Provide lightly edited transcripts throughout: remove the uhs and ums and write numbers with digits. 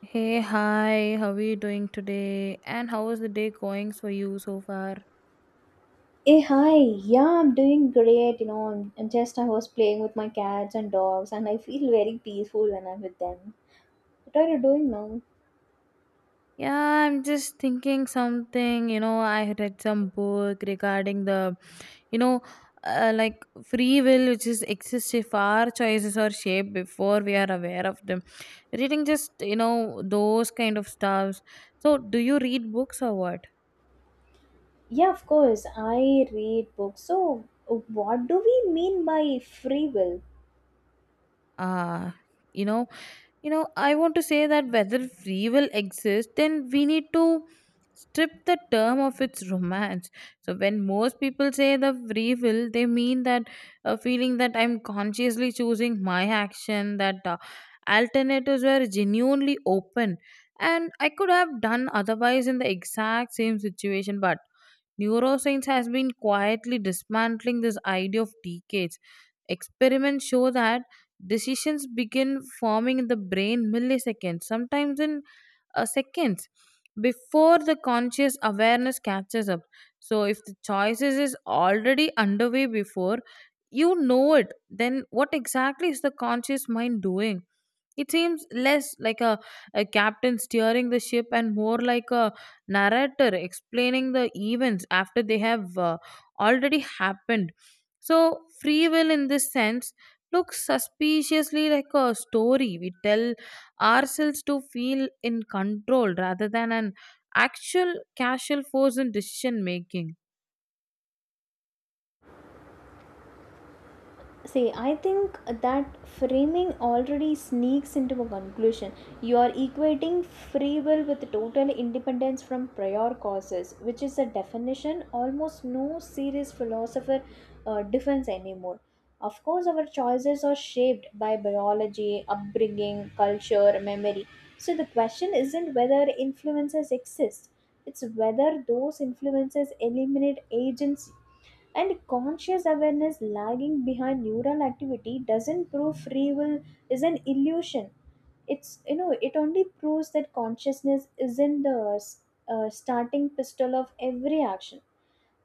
Hey, hi, how are you doing today? And how is the day going for you so far? Hey, hi. Yeah, I'm doing great. You know, I'm just, I was playing with my cats and dogs, and I feel very peaceful when I'm with them. What are you doing now? Yeah, I'm just thinking something. You know, I read some book regarding the, you know, uh, like free will, which is exists if our choices are shaped before we are aware of them. Reading just, you know, those kind of stuffs. So, do you read books or what? Yeah, of course. I read books. So, what do we mean by free will? Ah, you know, I want to say that whether free will exists, then we need to strip the term of its romance. So when most people say the free will, they mean that a feeling that I'm consciously choosing my action, that alternatives were genuinely open and I could have done otherwise in the exact same situation. But neuroscience has been quietly dismantling this idea of decades. Experiments show that decisions begin forming in the brain milliseconds, sometimes in seconds before the conscious awareness catches up. So if the choices is already underway before you know it, then what exactly is the conscious mind doing? It seems less like a captain steering the ship, and more like a narrator explaining the events after they have already happened. So free will in this sense looks suspiciously like a story we tell ourselves to feel in control, rather than an actual casual force in decision making. See, I think that framing already sneaks into a conclusion. You are equating free will with total independence from prior causes, which is a definition almost no serious philosopher defends anymore. Of course, our choices are shaped by biology, upbringing, culture, memory. So the question isn't whether influences exist, it's whether those influences eliminate agency, and conscious awareness lagging behind neural activity doesn't prove free will is an illusion. It's, you know, it only proves that consciousness isn't the starting pistol of every action.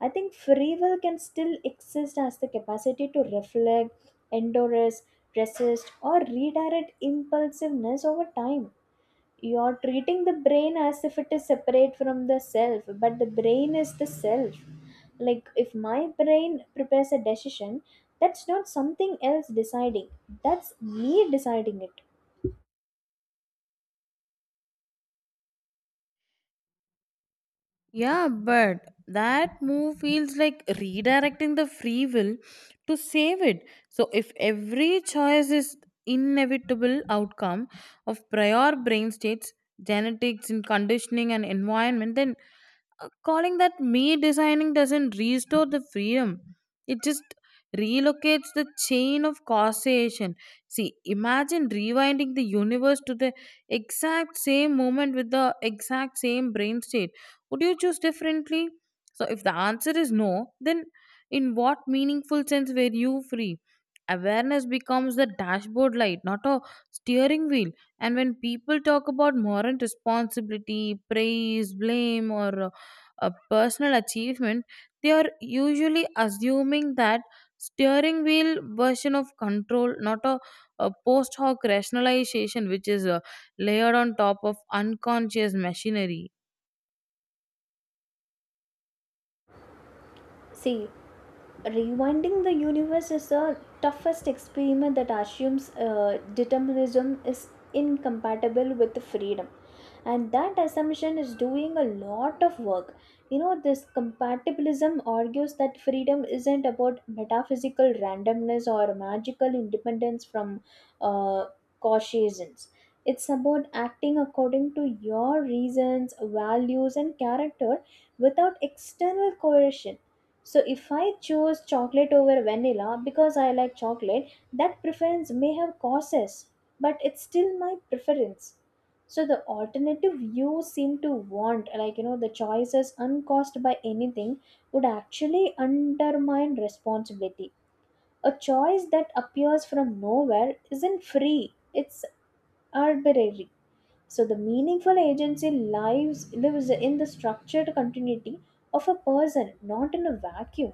I think free will can still exist as the capacity to reflect, endorse, resist, or redirect impulsiveness over time. You're treating the brain as if it is separate from the self, but the brain is the self. Like, if my brain prepares a decision, that's not something else deciding, that's me deciding it. Yeah, but that move feels like redirecting the free will to save it. So if every choice is inevitable outcome of prior brain states, genetics and conditioning and environment, then calling that me designing doesn't restore the freedom. It just relocates the chain of causation. See, imagine rewinding the universe to the exact same moment with the exact same brain state. Would you choose differently? So, if the answer is no, then in what meaningful sense were you free? Awareness becomes the dashboard light, not a steering wheel. And when people talk about moral responsibility, praise, blame, or a personal achievement, they are usually assuming that steering wheel version of control, not a post hoc rationalization which is layered on top of unconscious machinery. See, rewinding the universe is the toughest experiment that assumes determinism is incompatible with freedom. And that assumption is doing a lot of work. You know, this compatibilism argues that freedom isn't about metaphysical randomness or magical independence from uh, causations. It's about acting according to your reasons, values, and character without external coercion. So if I choose chocolate over vanilla because I like chocolate, that preference may have causes, but it's still my preference. So the alternative you seem to want, like, you know, the choices uncaused by anything, would actually undermine responsibility. A choice that appears from nowhere isn't free, it's arbitrary. So the meaningful agency lives in the structured continuity of a person, not in a vacuum.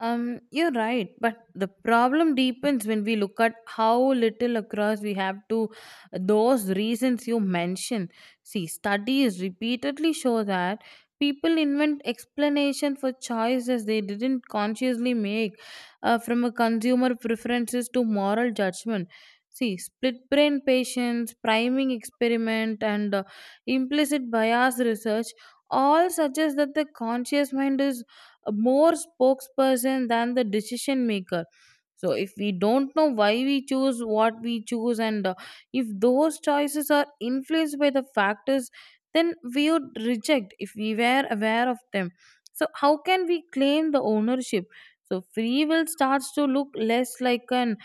You're right, but the problem deepens when we look at how little across we have to those reasons you mentioned. See, studies repeatedly show that people invent explanation for choices they didn't consciously make, from a consumer preferences to moral judgment. See, split brain patients, priming experiment, and implicit bias research all suggest that the conscious mind is a more spokesperson than the decision maker. So if we don't know why we choose what we choose, and if those choices are influenced by the factors then we would reject if we were aware of them, so how can we claim the ownership? So free will starts to look less like an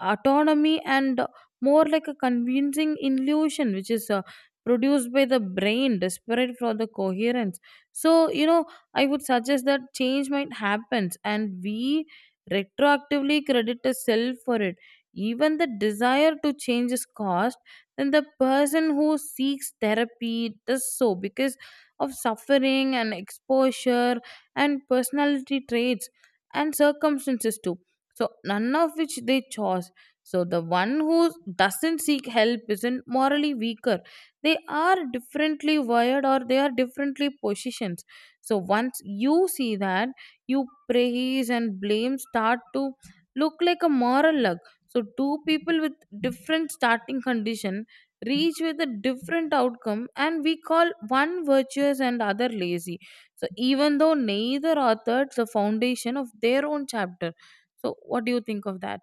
autonomy, and more like a convincing illusion, which is produced by the brain desperate for the coherence. So, you know, I would suggest that change might happen and we retroactively credit a self for it. Even the desire to change is caused, then the person who seeks therapy does so because of suffering and exposure and personality traits and circumstances too. So, none of which they chose. So, the one who doesn't seek help isn't morally weaker. They are differently wired, or they are differently positioned. So once you see that, you praise and blame start to look like a moral luck. So two people with different starting condition reach with a different outcome, and we call one virtuous and other lazy. So even though neither authored the foundation of their own chapter, so what do you think of that?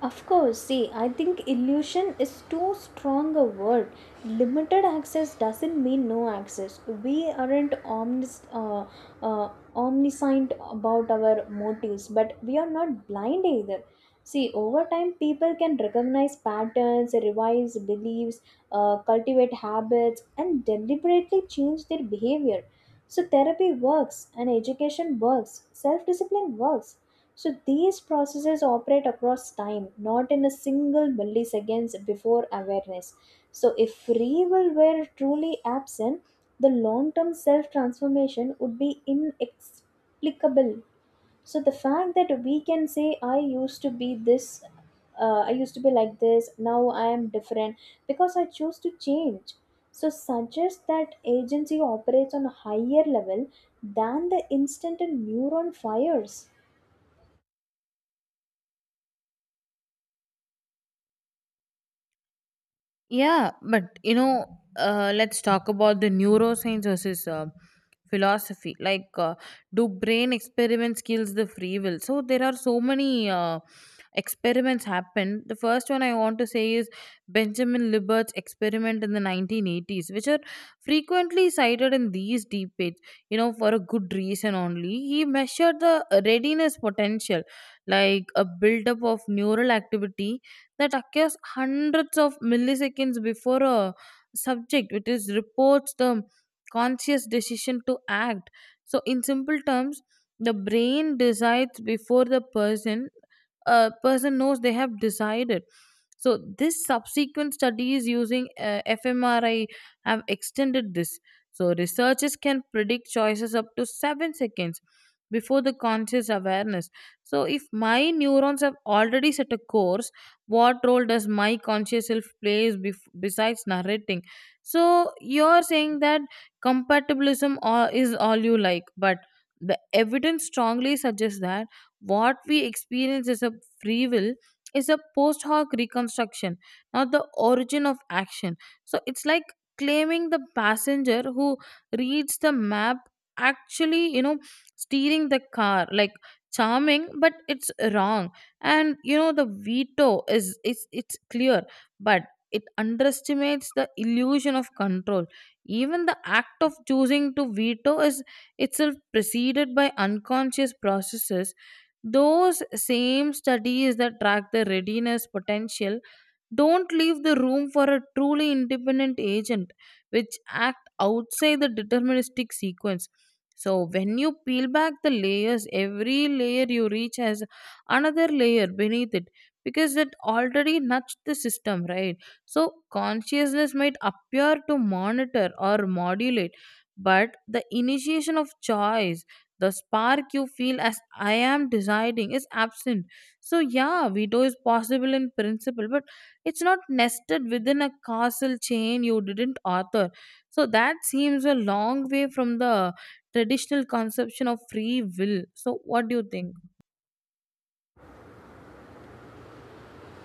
Of course, see, I think illusion is too strong a word. Limited access doesn't mean no access. We aren't uh, omniscient about our motives, but we are not blind either. See, over time, people can recognize patterns, revise beliefs, cultivate habits, and deliberately change their behavior. So, therapy works, and education works, self discipline works, so these processes operate across time, not in a single milliseconds before awareness. So if free will were truly absent, the long term self transformation would be inexplicable. So the fact that we can say, I used to be like this, now I am different because I chose to change. So suggests that agency operates on a higher level than the instant a neuron fires. Yeah, but you know, let's talk about the neuroscience versus philosophy, like do brain experiments kills the free will? So there are so many experiments happened. The first one I want to say is Benjamin Libert's experiment in the 1980s, which are frequently cited in these debates, you know, for a good reason only. He measured the readiness potential, like a buildup of neural activity that occurs hundreds of milliseconds before a subject, which is reports the conscious decision to act. So, in simple terms, the brain decides before the person a person knows they have decided. So, this subsequent studies using fMRI have extended this. So, researchers can predict choices up to 7 seconds before the conscious awareness. So, if my neurons have already set a course, what role does my conscious self plays besides narrating? So, you're saying that is all you like, but the evidence strongly suggests that what we experience is a free will is a post hoc reconstruction, not the origin of action. So it's like claiming the passenger who reads the map actually, you know, steering the car. Like charming, but it's wrong. And you know, the veto is it's clear, but it underestimates the illusion of control. Even the act of choosing to veto is itself preceded by unconscious processes. Those same studies that track the readiness potential don't leave the room for a truly independent agent which act outside the deterministic sequence. So when you peel back the layers, every layer you reach has another layer beneath it, because it already nudged the system, right? So consciousness might appear to monitor or modulate, but the initiation of choice, the spark you feel as I am deciding, is absent. So yeah, veto is possible in principle, but it's not nested within a causal chain you didn't author. So that seems a long way from the traditional conception of free will. So, what do you think?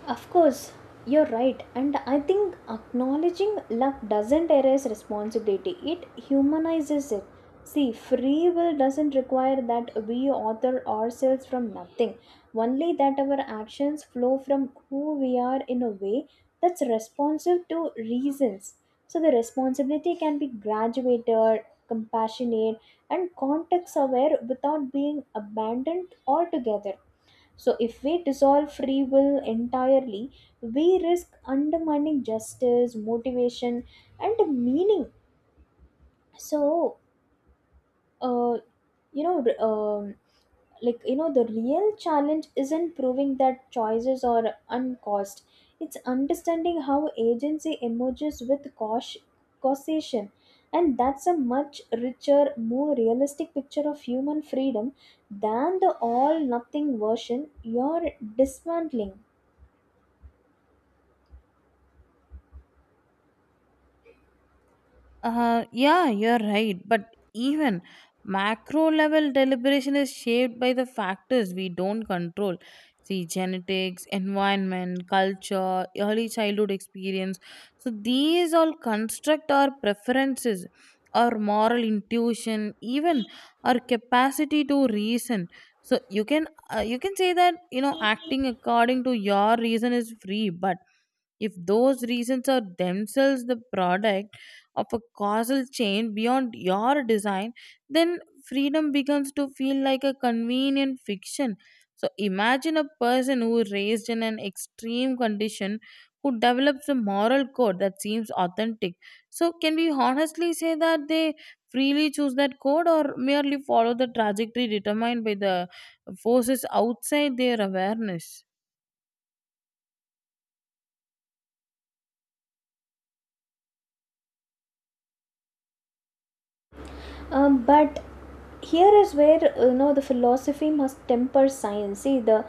Of course, you're right. And I think acknowledging love doesn't erase responsibility, it humanizes it. See, free will doesn't require that we author ourselves from nothing, only that our actions flow from who we are in a way that's responsive to reasons. So, the responsibility can be graduated, compassionate, and context aware without being abandoned altogether. So, if we dissolve free will entirely, we risk undermining justice, motivation, and meaning. So, uh, you know, r- um, the real challenge isn't proving that choices are uncaused, it's understanding how agency emerges with causation. And that's a much richer, more realistic picture of human freedom than the all nothing version you're dismantling. Yeah, you're right. But even macro level deliberation is shaped by the factors we don't control. See, genetics, environment, culture, early childhood experience. So, these all construct our preferences, our moral intuition, even our capacity to reason. So you can, you can say that, you know, acting according to your reason is free, but if those reasons are themselves the product of a causal chain beyond your design, then freedom begins to feel like a convenient fiction. So imagine a person who raised in an extreme condition, who develops a moral code that seems authentic. So can we honestly say that they freely choose that code, or merely follow the trajectory determined by the forces outside their awareness? But here is where, you know, the philosophy must temper science. See, the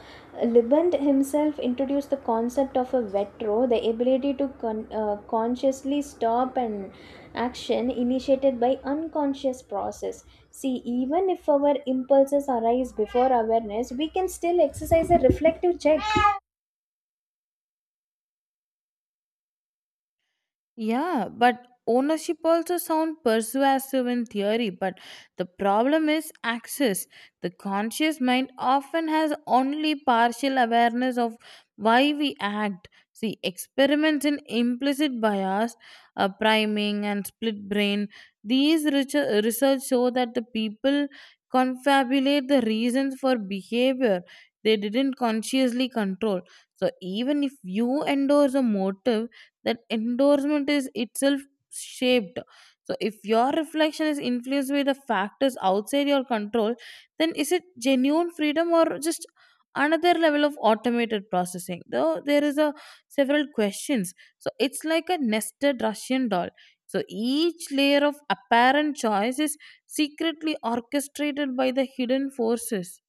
liband himself introduced the concept of a vetro, the ability to consciously stop an action initiated by unconscious process. See, even if our impulses arise before awareness, we can still exercise a reflective check. Yeah, but ownership also sounds persuasive in theory, but the problem is access. The conscious mind often has only partial awareness of why we act. See, experiments in implicit bias, priming, and split brain, these research show that the people confabulate the reasons for behavior they didn't consciously control. So, even if you endorse a motive, that endorsement is itself shaped. So if your reflection is influenced by the factors outside your control, then is it genuine freedom, or just another level of automated processing? Though there is a several questions. So it's like a nested Russian doll. So each layer of apparent choice is secretly orchestrated by the hidden forces.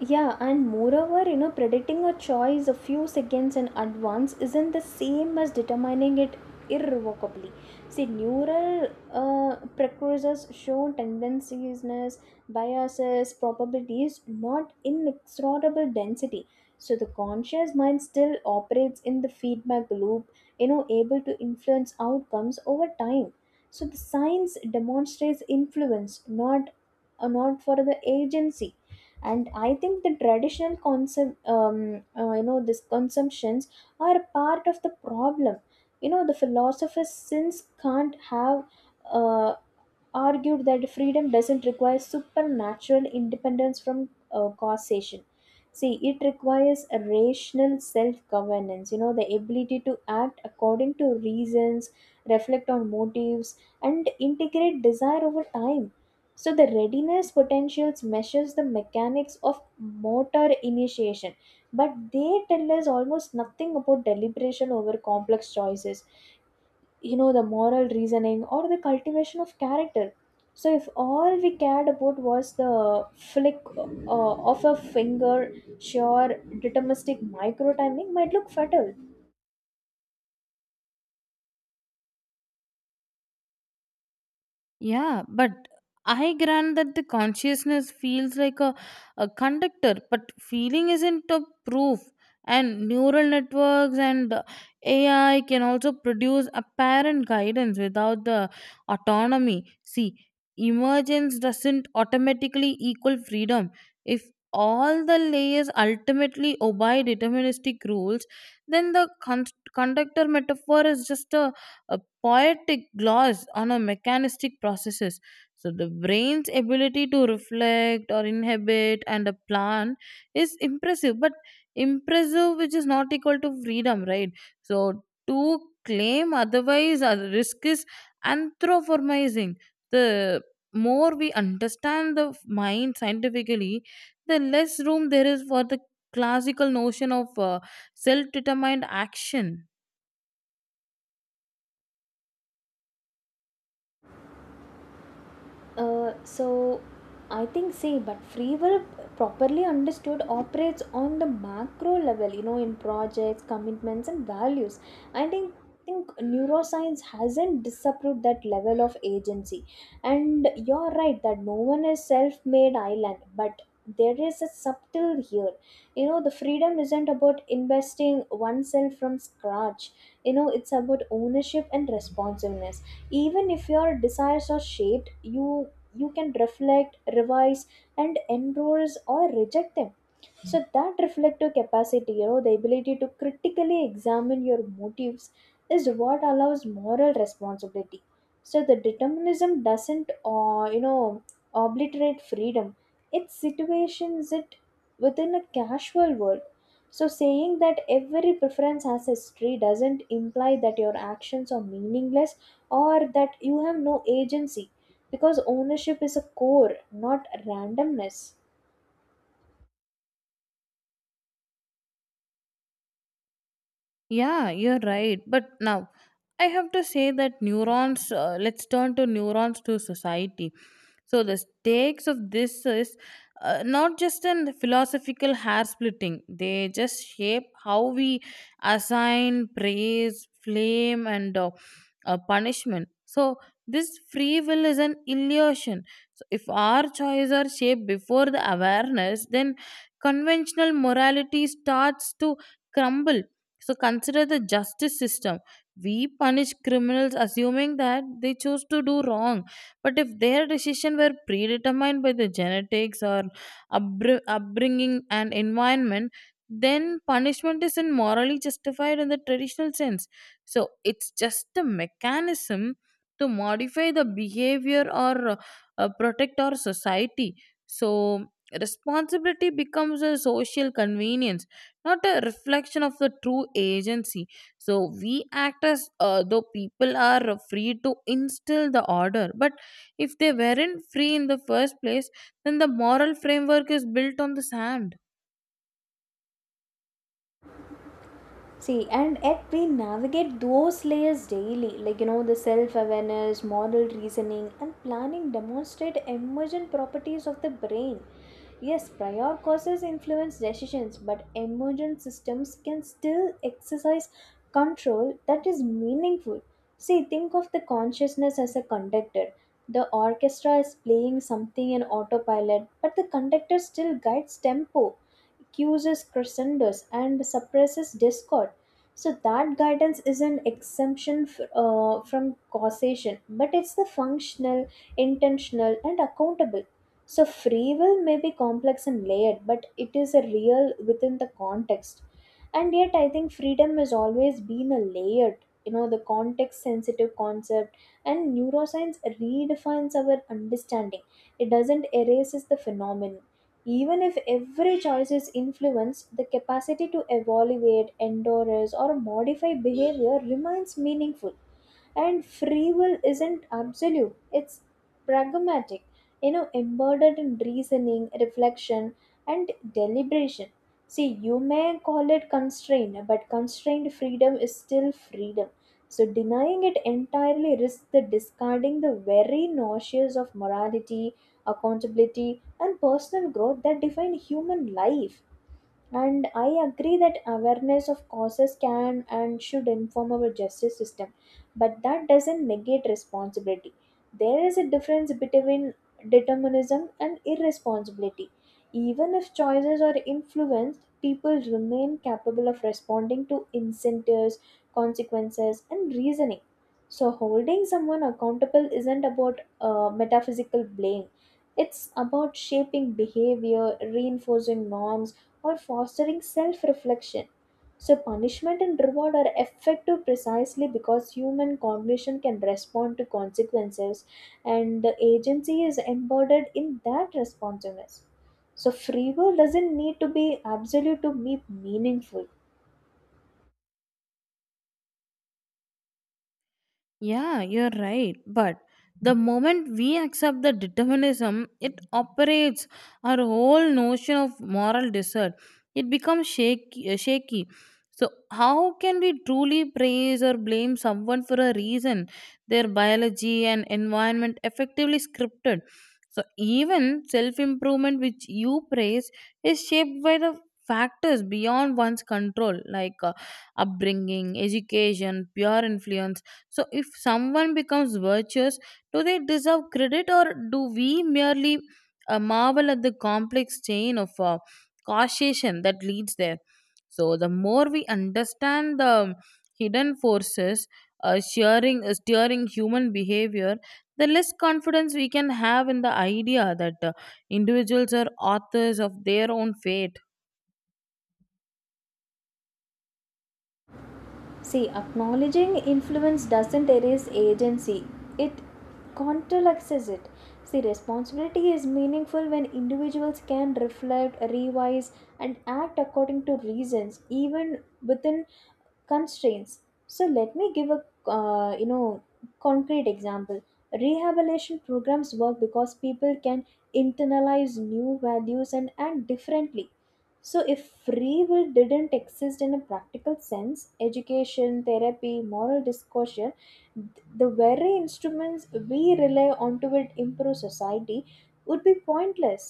Yeah, and moreover, you know, predicting a choice a few seconds in advance isn't the same as determining it irrevocably. See, neural precursors show tendencies, biases, probabilities, not inexorable density. So the conscious mind still operates in the feedback loop, you know, able to influence outcomes over time. So the science demonstrates influence, not not for the agency. And I think the traditional consum you know, this consumptions are part of the problem. You know, the philosophers since can't have uh, argued that freedom doesn't require supernatural independence from causation. See, it requires a rational self governance, you know, the ability to act according to reasons, reflect on motives, and integrate desire over time. So, the readiness potentials measures the mechanics of motor initiation, but they tell us almost nothing about deliberation over complex choices, you know, the moral reasoning or the cultivation of character. So if all we cared about was the flick of a finger, sure, deterministic micro timing might look fatal. Yeah, but I grant that the consciousness feels like a conductor, but feeling isn't a proof. And neural networks and AI can also produce apparent guidance without the autonomy. See, emergence doesn't automatically equal freedom. If all the layers ultimately obey deterministic rules, then the conductor metaphor is just a poetic gloss on a mechanistic processes. So the brain's ability to reflect or inhibit and a plan is impressive, but impressive which is not equal to freedom, right? So, to claim otherwise a risk is anthropomorphizing. The more we understand the mind scientifically, the less room there is for the classical notion of self-determined action. So I think, see, but free will properly understood operates on the macro level, you know, in projects, commitments, and values. I think neuroscience hasn't disapproved that level of agency. And you're right that no one is self-made island, but there is a subtle here. You know, the freedom isn't about investing oneself from scratch. You know, it's about ownership and responsiveness. Even if your desires are shaped, you can reflect, revise, and endorse or reject them. So that reflective capacity, you know, the ability to critically examine your motives, is what allows moral responsibility. So the determinism doesn't, you know, obliterate freedom, it situations it within a casual world. So saying that every preference has history doesn't imply that your actions are meaningless, or that you have no agency, because ownership is a core, not randomness. Yeah, you're right. But now I have to say that neurons, let's turn to neurons to society. So the stakes of this is not just in philosophical hair splitting, they just shape how we assign praise, flame, and punishment. So this free will is an illusion. So if our choices are shaped before the awareness, then conventional morality starts to crumble. So consider the justice system. We punish criminals assuming that they chose to do wrong. But if their decision were predetermined by the genetics or upbringing and environment, then punishment isn't morally justified in the traditional sense. So it's just a mechanism to modify the behavior, or protect our society. So responsibility becomes a social convenience, not a reflection of the true agency. So we act as though people are free to instill the order, but if they weren't free in the first place, then the moral framework is built on the sand. See, and yet we navigate those layers daily, like, you know, the self awareness, moral reasoning, and planning demonstrate emergent properties of the brain. Yes, prior causes influence decisions, but emergent systems can still exercise control that is meaningful. See, think of the consciousness as a conductor. The orchestra is playing something in autopilot, but the conductor still guides tempo, cues crescendos, and suppresses discord. So that guidance is an exemption from causation, but it's the functional, intentional, and accountable. So free will may be complex and layered, but it is a real within the context. And yet I think freedom has always been a layered, you know, the context sensitive concept, and neuroscience redefines our understanding, it doesn't erases the phenomenon. Even if every choice is influenced, the capacity to evaluate, endorse, or modify behavior remains meaningful. And free will isn't absolute, it's pragmatic, you know, embedded in reasoning, reflection, and deliberation. See, you may call it constraint, but constrained freedom is still freedom. So denying it entirely risks the discarding the very notions of morality, accountability, and personal growth that define human life. And I agree that awareness of causes can and should inform our justice system, but that doesn't negate responsibility. There is a difference between determinism and irresponsibility. Even if choices are influenced, people remain capable of responding to incentives, consequences, and reasoning. So holding someone accountable isn't about metaphysical blame, it's about shaping behavior, reinforcing norms, or fostering self reflection. So, punishment and reward are effective precisely because human cognition can respond to consequences, and the agency is embodied in that responsiveness. So, free will doesn't need to be absolute to be meaningful. Yeah, you're right. But the moment we accept the determinism, it operates our whole notion of moral desert. It becomes shaky. So, how can we truly praise or blame someone for a reason? Their biology and environment effectively scripted. So, even self improvement, which you praise, is shaped by the factors beyond one's control, like upbringing, education, peer influence. So, if someone becomes virtuous, do they deserve credit, or do we merely marvel at the complex chain of causation that leads there? So, the more we understand the hidden forces steering human behavior, the less confidence we can have in the idea that individuals are authors of their own fate. See, acknowledging influence doesn't erase agency, it counteracts it. See, responsibility is meaningful when individuals can reflect, revise, and act according to reasons, even within constraints. So let me give a, you know, concrete example. Rehabilitation programs work because people can internalize new values and act differently. So if free will didn't exist in a practical sense, education, therapy, moral discussion, the very instruments we rely on to it improve society would be pointless.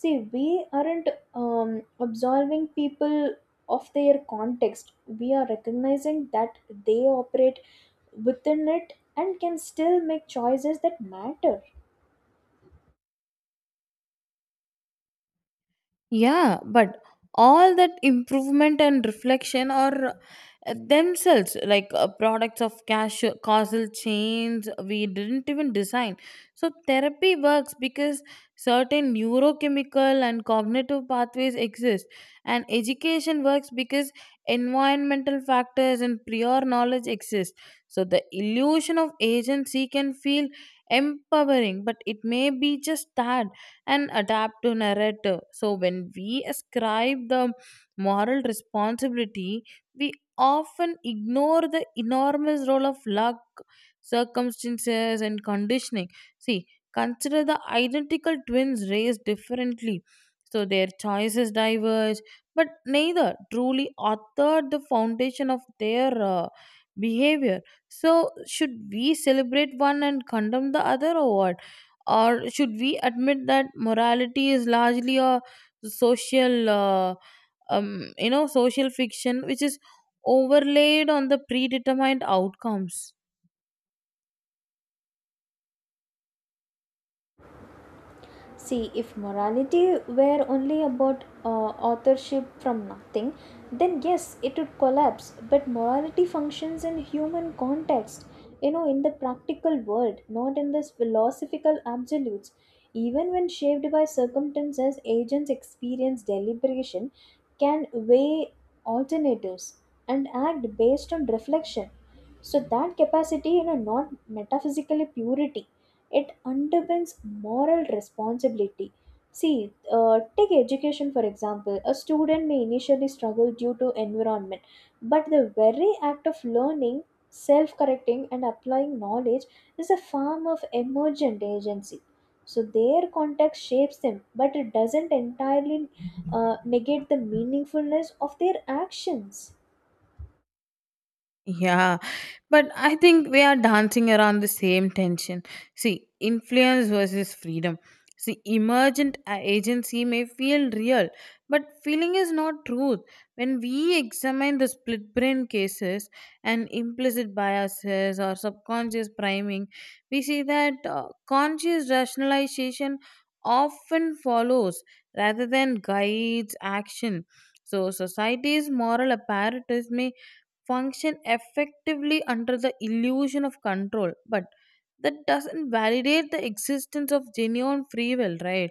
See, we aren't, um, absolving people of their context, we are recognizing that they operate within it and can still make choices that matter. Yeah, but all that improvement and reflection are themselves like products of causal chains we didn't even design. So, therapy works because certain neurochemical and cognitive pathways exist, and education works because environmental factors and prior knowledge exist. So, the illusion of agency can feel empowering, but it may be just that and adapt to narrative. So, when we ascribe the moral responsibility, we often ignore the enormous role of luck, circumstances, and conditioning. See, consider the identical twins raised differently. So their choices diverge, but neither truly authored the foundation of their behavior. So, should we celebrate one and condemn the other, or what? Or should we admit that morality is largely a social, uh, social fiction which is overlaid on the predetermined outcomes? See, if morality were only about authorship from nothing, then yes, it would collapse. But morality functions in human context, you know, in the practical world, not in this philosophical absolutes. Even when shaped by circumstances, agents experience deliberation, can weigh alternatives, and act based on reflection. So, that capacity, you know, not metaphysically purity, it underpins moral responsibility. See, take education for example. A student may initially struggle due to environment, but the very act of learning, self correcting, and applying knowledge is a form of emergent agency. So, their context shapes them, but it doesn't entirely negate the meaningfulness of their actions. Yeah, but I think we are dancing around the same tension. See, influence versus freedom. See, emergent agency may feel real, but feeling is not truth. When we examine the split brain cases and implicit biases or subconscious priming, we see that conscious rationalization often follows rather than guides action. So, society's moral apparatus may function effectively under the illusion of control, but that doesn't validate the existence of genuine free will, right?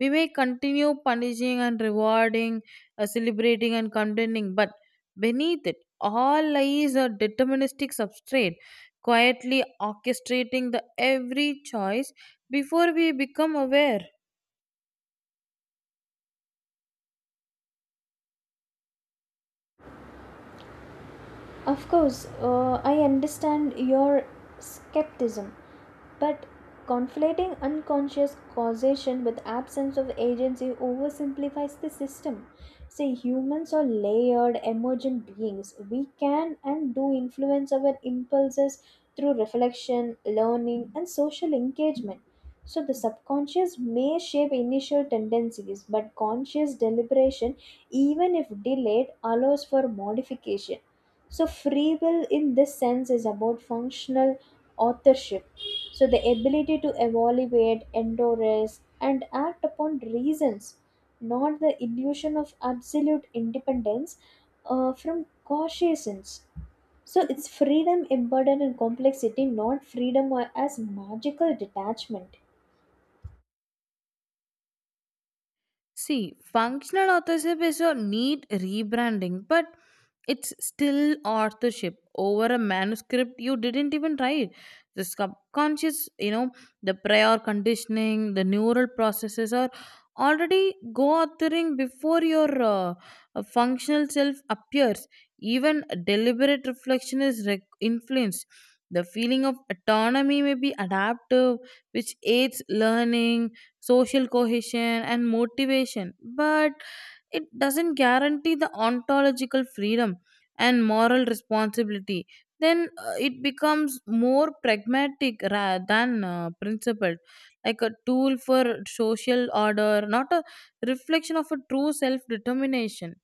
We may continue punishing and rewarding, celebrating and condemning, but beneath it all lies a deterministic substrate quietly orchestrating the every choice before we become aware. Of course, I understand your skepticism, but conflating unconscious causation with absence of agency oversimplifies the system. See, humans are layered, emergent beings. We can and do influence our impulses through reflection, learning, and social engagement. So, the subconscious may shape initial tendencies, but conscious deliberation, even if delayed, allows for modification. So, free will in this sense is about functional authorship. So, the ability to evaluate, endorse, and act upon reasons, not the illusion of absolute independence from cautious. So it's freedom embedded in complexity, not freedom as magical detachment. See, functional authorship is a neat rebranding, but it's still authorship over a manuscript you didn't even write. The subconscious, you know, the prior conditioning, the neural processes are already go authoring before your functional self appears. Even deliberate reflection is influenced. The feeling of autonomy may be adaptive, which aids learning, social cohesion, and motivation, but it doesn't guarantee the ontological freedom and moral responsibility. Then it becomes more pragmatic rather than principled, like a tool for social order, not a reflection of a true self determination.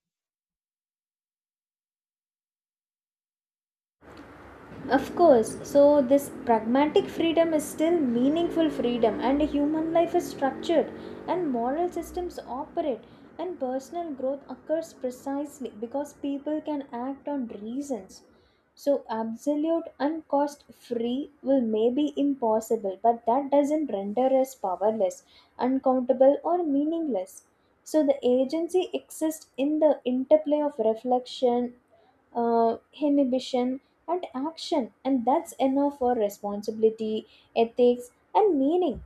Of course, so this pragmatic freedom is still meaningful freedom, and human life is structured, and moral systems operate, and personal growth occurs precisely because people can act on reasons. So, absolute and cost free will may be impossible, but that doesn't render us powerless, uncountable, or meaningless. So, the agency exists in the interplay of reflection, inhibition, and action, and that's enough for responsibility, ethics, and meaning.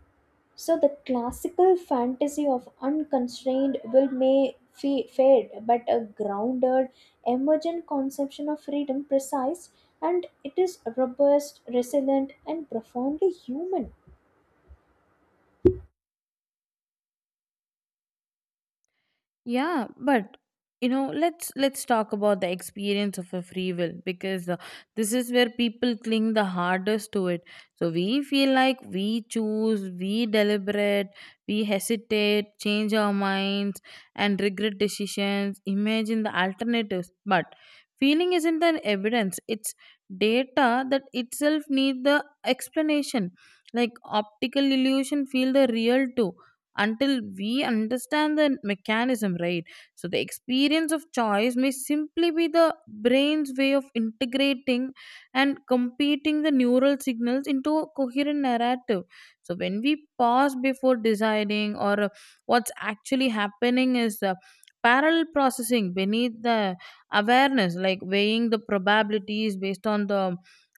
So the classical fantasy of unconstrained will may fade, but a grounded, emergent conception of freedom precise, and it is robust, resilient, and profoundly human. Yeah, but you know, let's talk about the experience of a free will, because this is where people cling the hardest to it. So we feel like we choose, we deliberate, we hesitate, change our minds and regret decisions, imagine the alternatives, but feeling isn't an evidence. It's data that itself needs the explanation, like optical illusion feel the real too, until we understand the mechanism, right? So, the experience of choice may simply be the brain's way of integrating and competing the neural signals into a coherent narrative. So, when we pause before deciding, or what's actually happening is parallel processing beneath the awareness, like weighing the probabilities based on the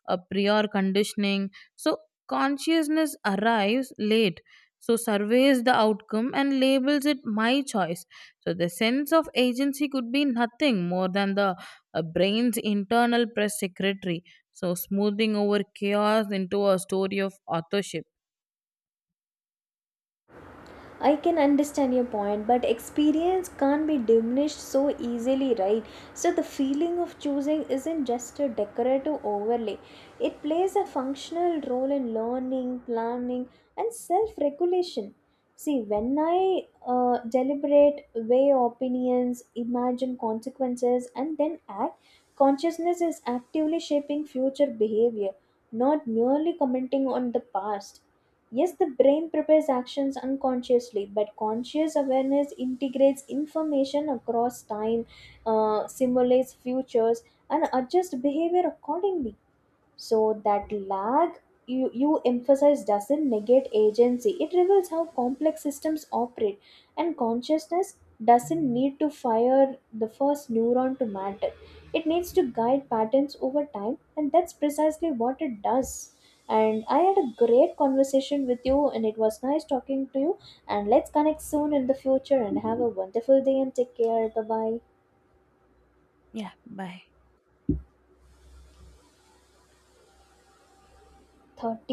prior conditioning. So, consciousness arrives late, so surveys the outcome and labels it my choice. So the sense of agency could be nothing more than the brain's internal press secretary, so smoothing over chaos into a story of authorship. I can understand your point, but experience can't be diminished so easily, right? So, the feeling of choosing isn't just a decorative overlay, it plays a functional role in learning, planning, and self regulation. See, when I deliberate, weigh opinions, imagine consequences, and then act, consciousness is actively shaping future behavior, not merely commenting on the past. Yes, the brain prepares actions unconsciously, but conscious awareness integrates information across time, simulates futures, and adjusts behavior accordingly. So that lag you emphasize doesn't negate agency. It reveals how complex systems operate, and consciousness doesn't need to fire the first neuron to matter. It needs to guide patterns over time, and that's precisely what it does. And I had a great conversation with you, and it was nice talking to you. And let's connect soon in the future and have a wonderful day and take care. Bye bye. Yeah, bye. 31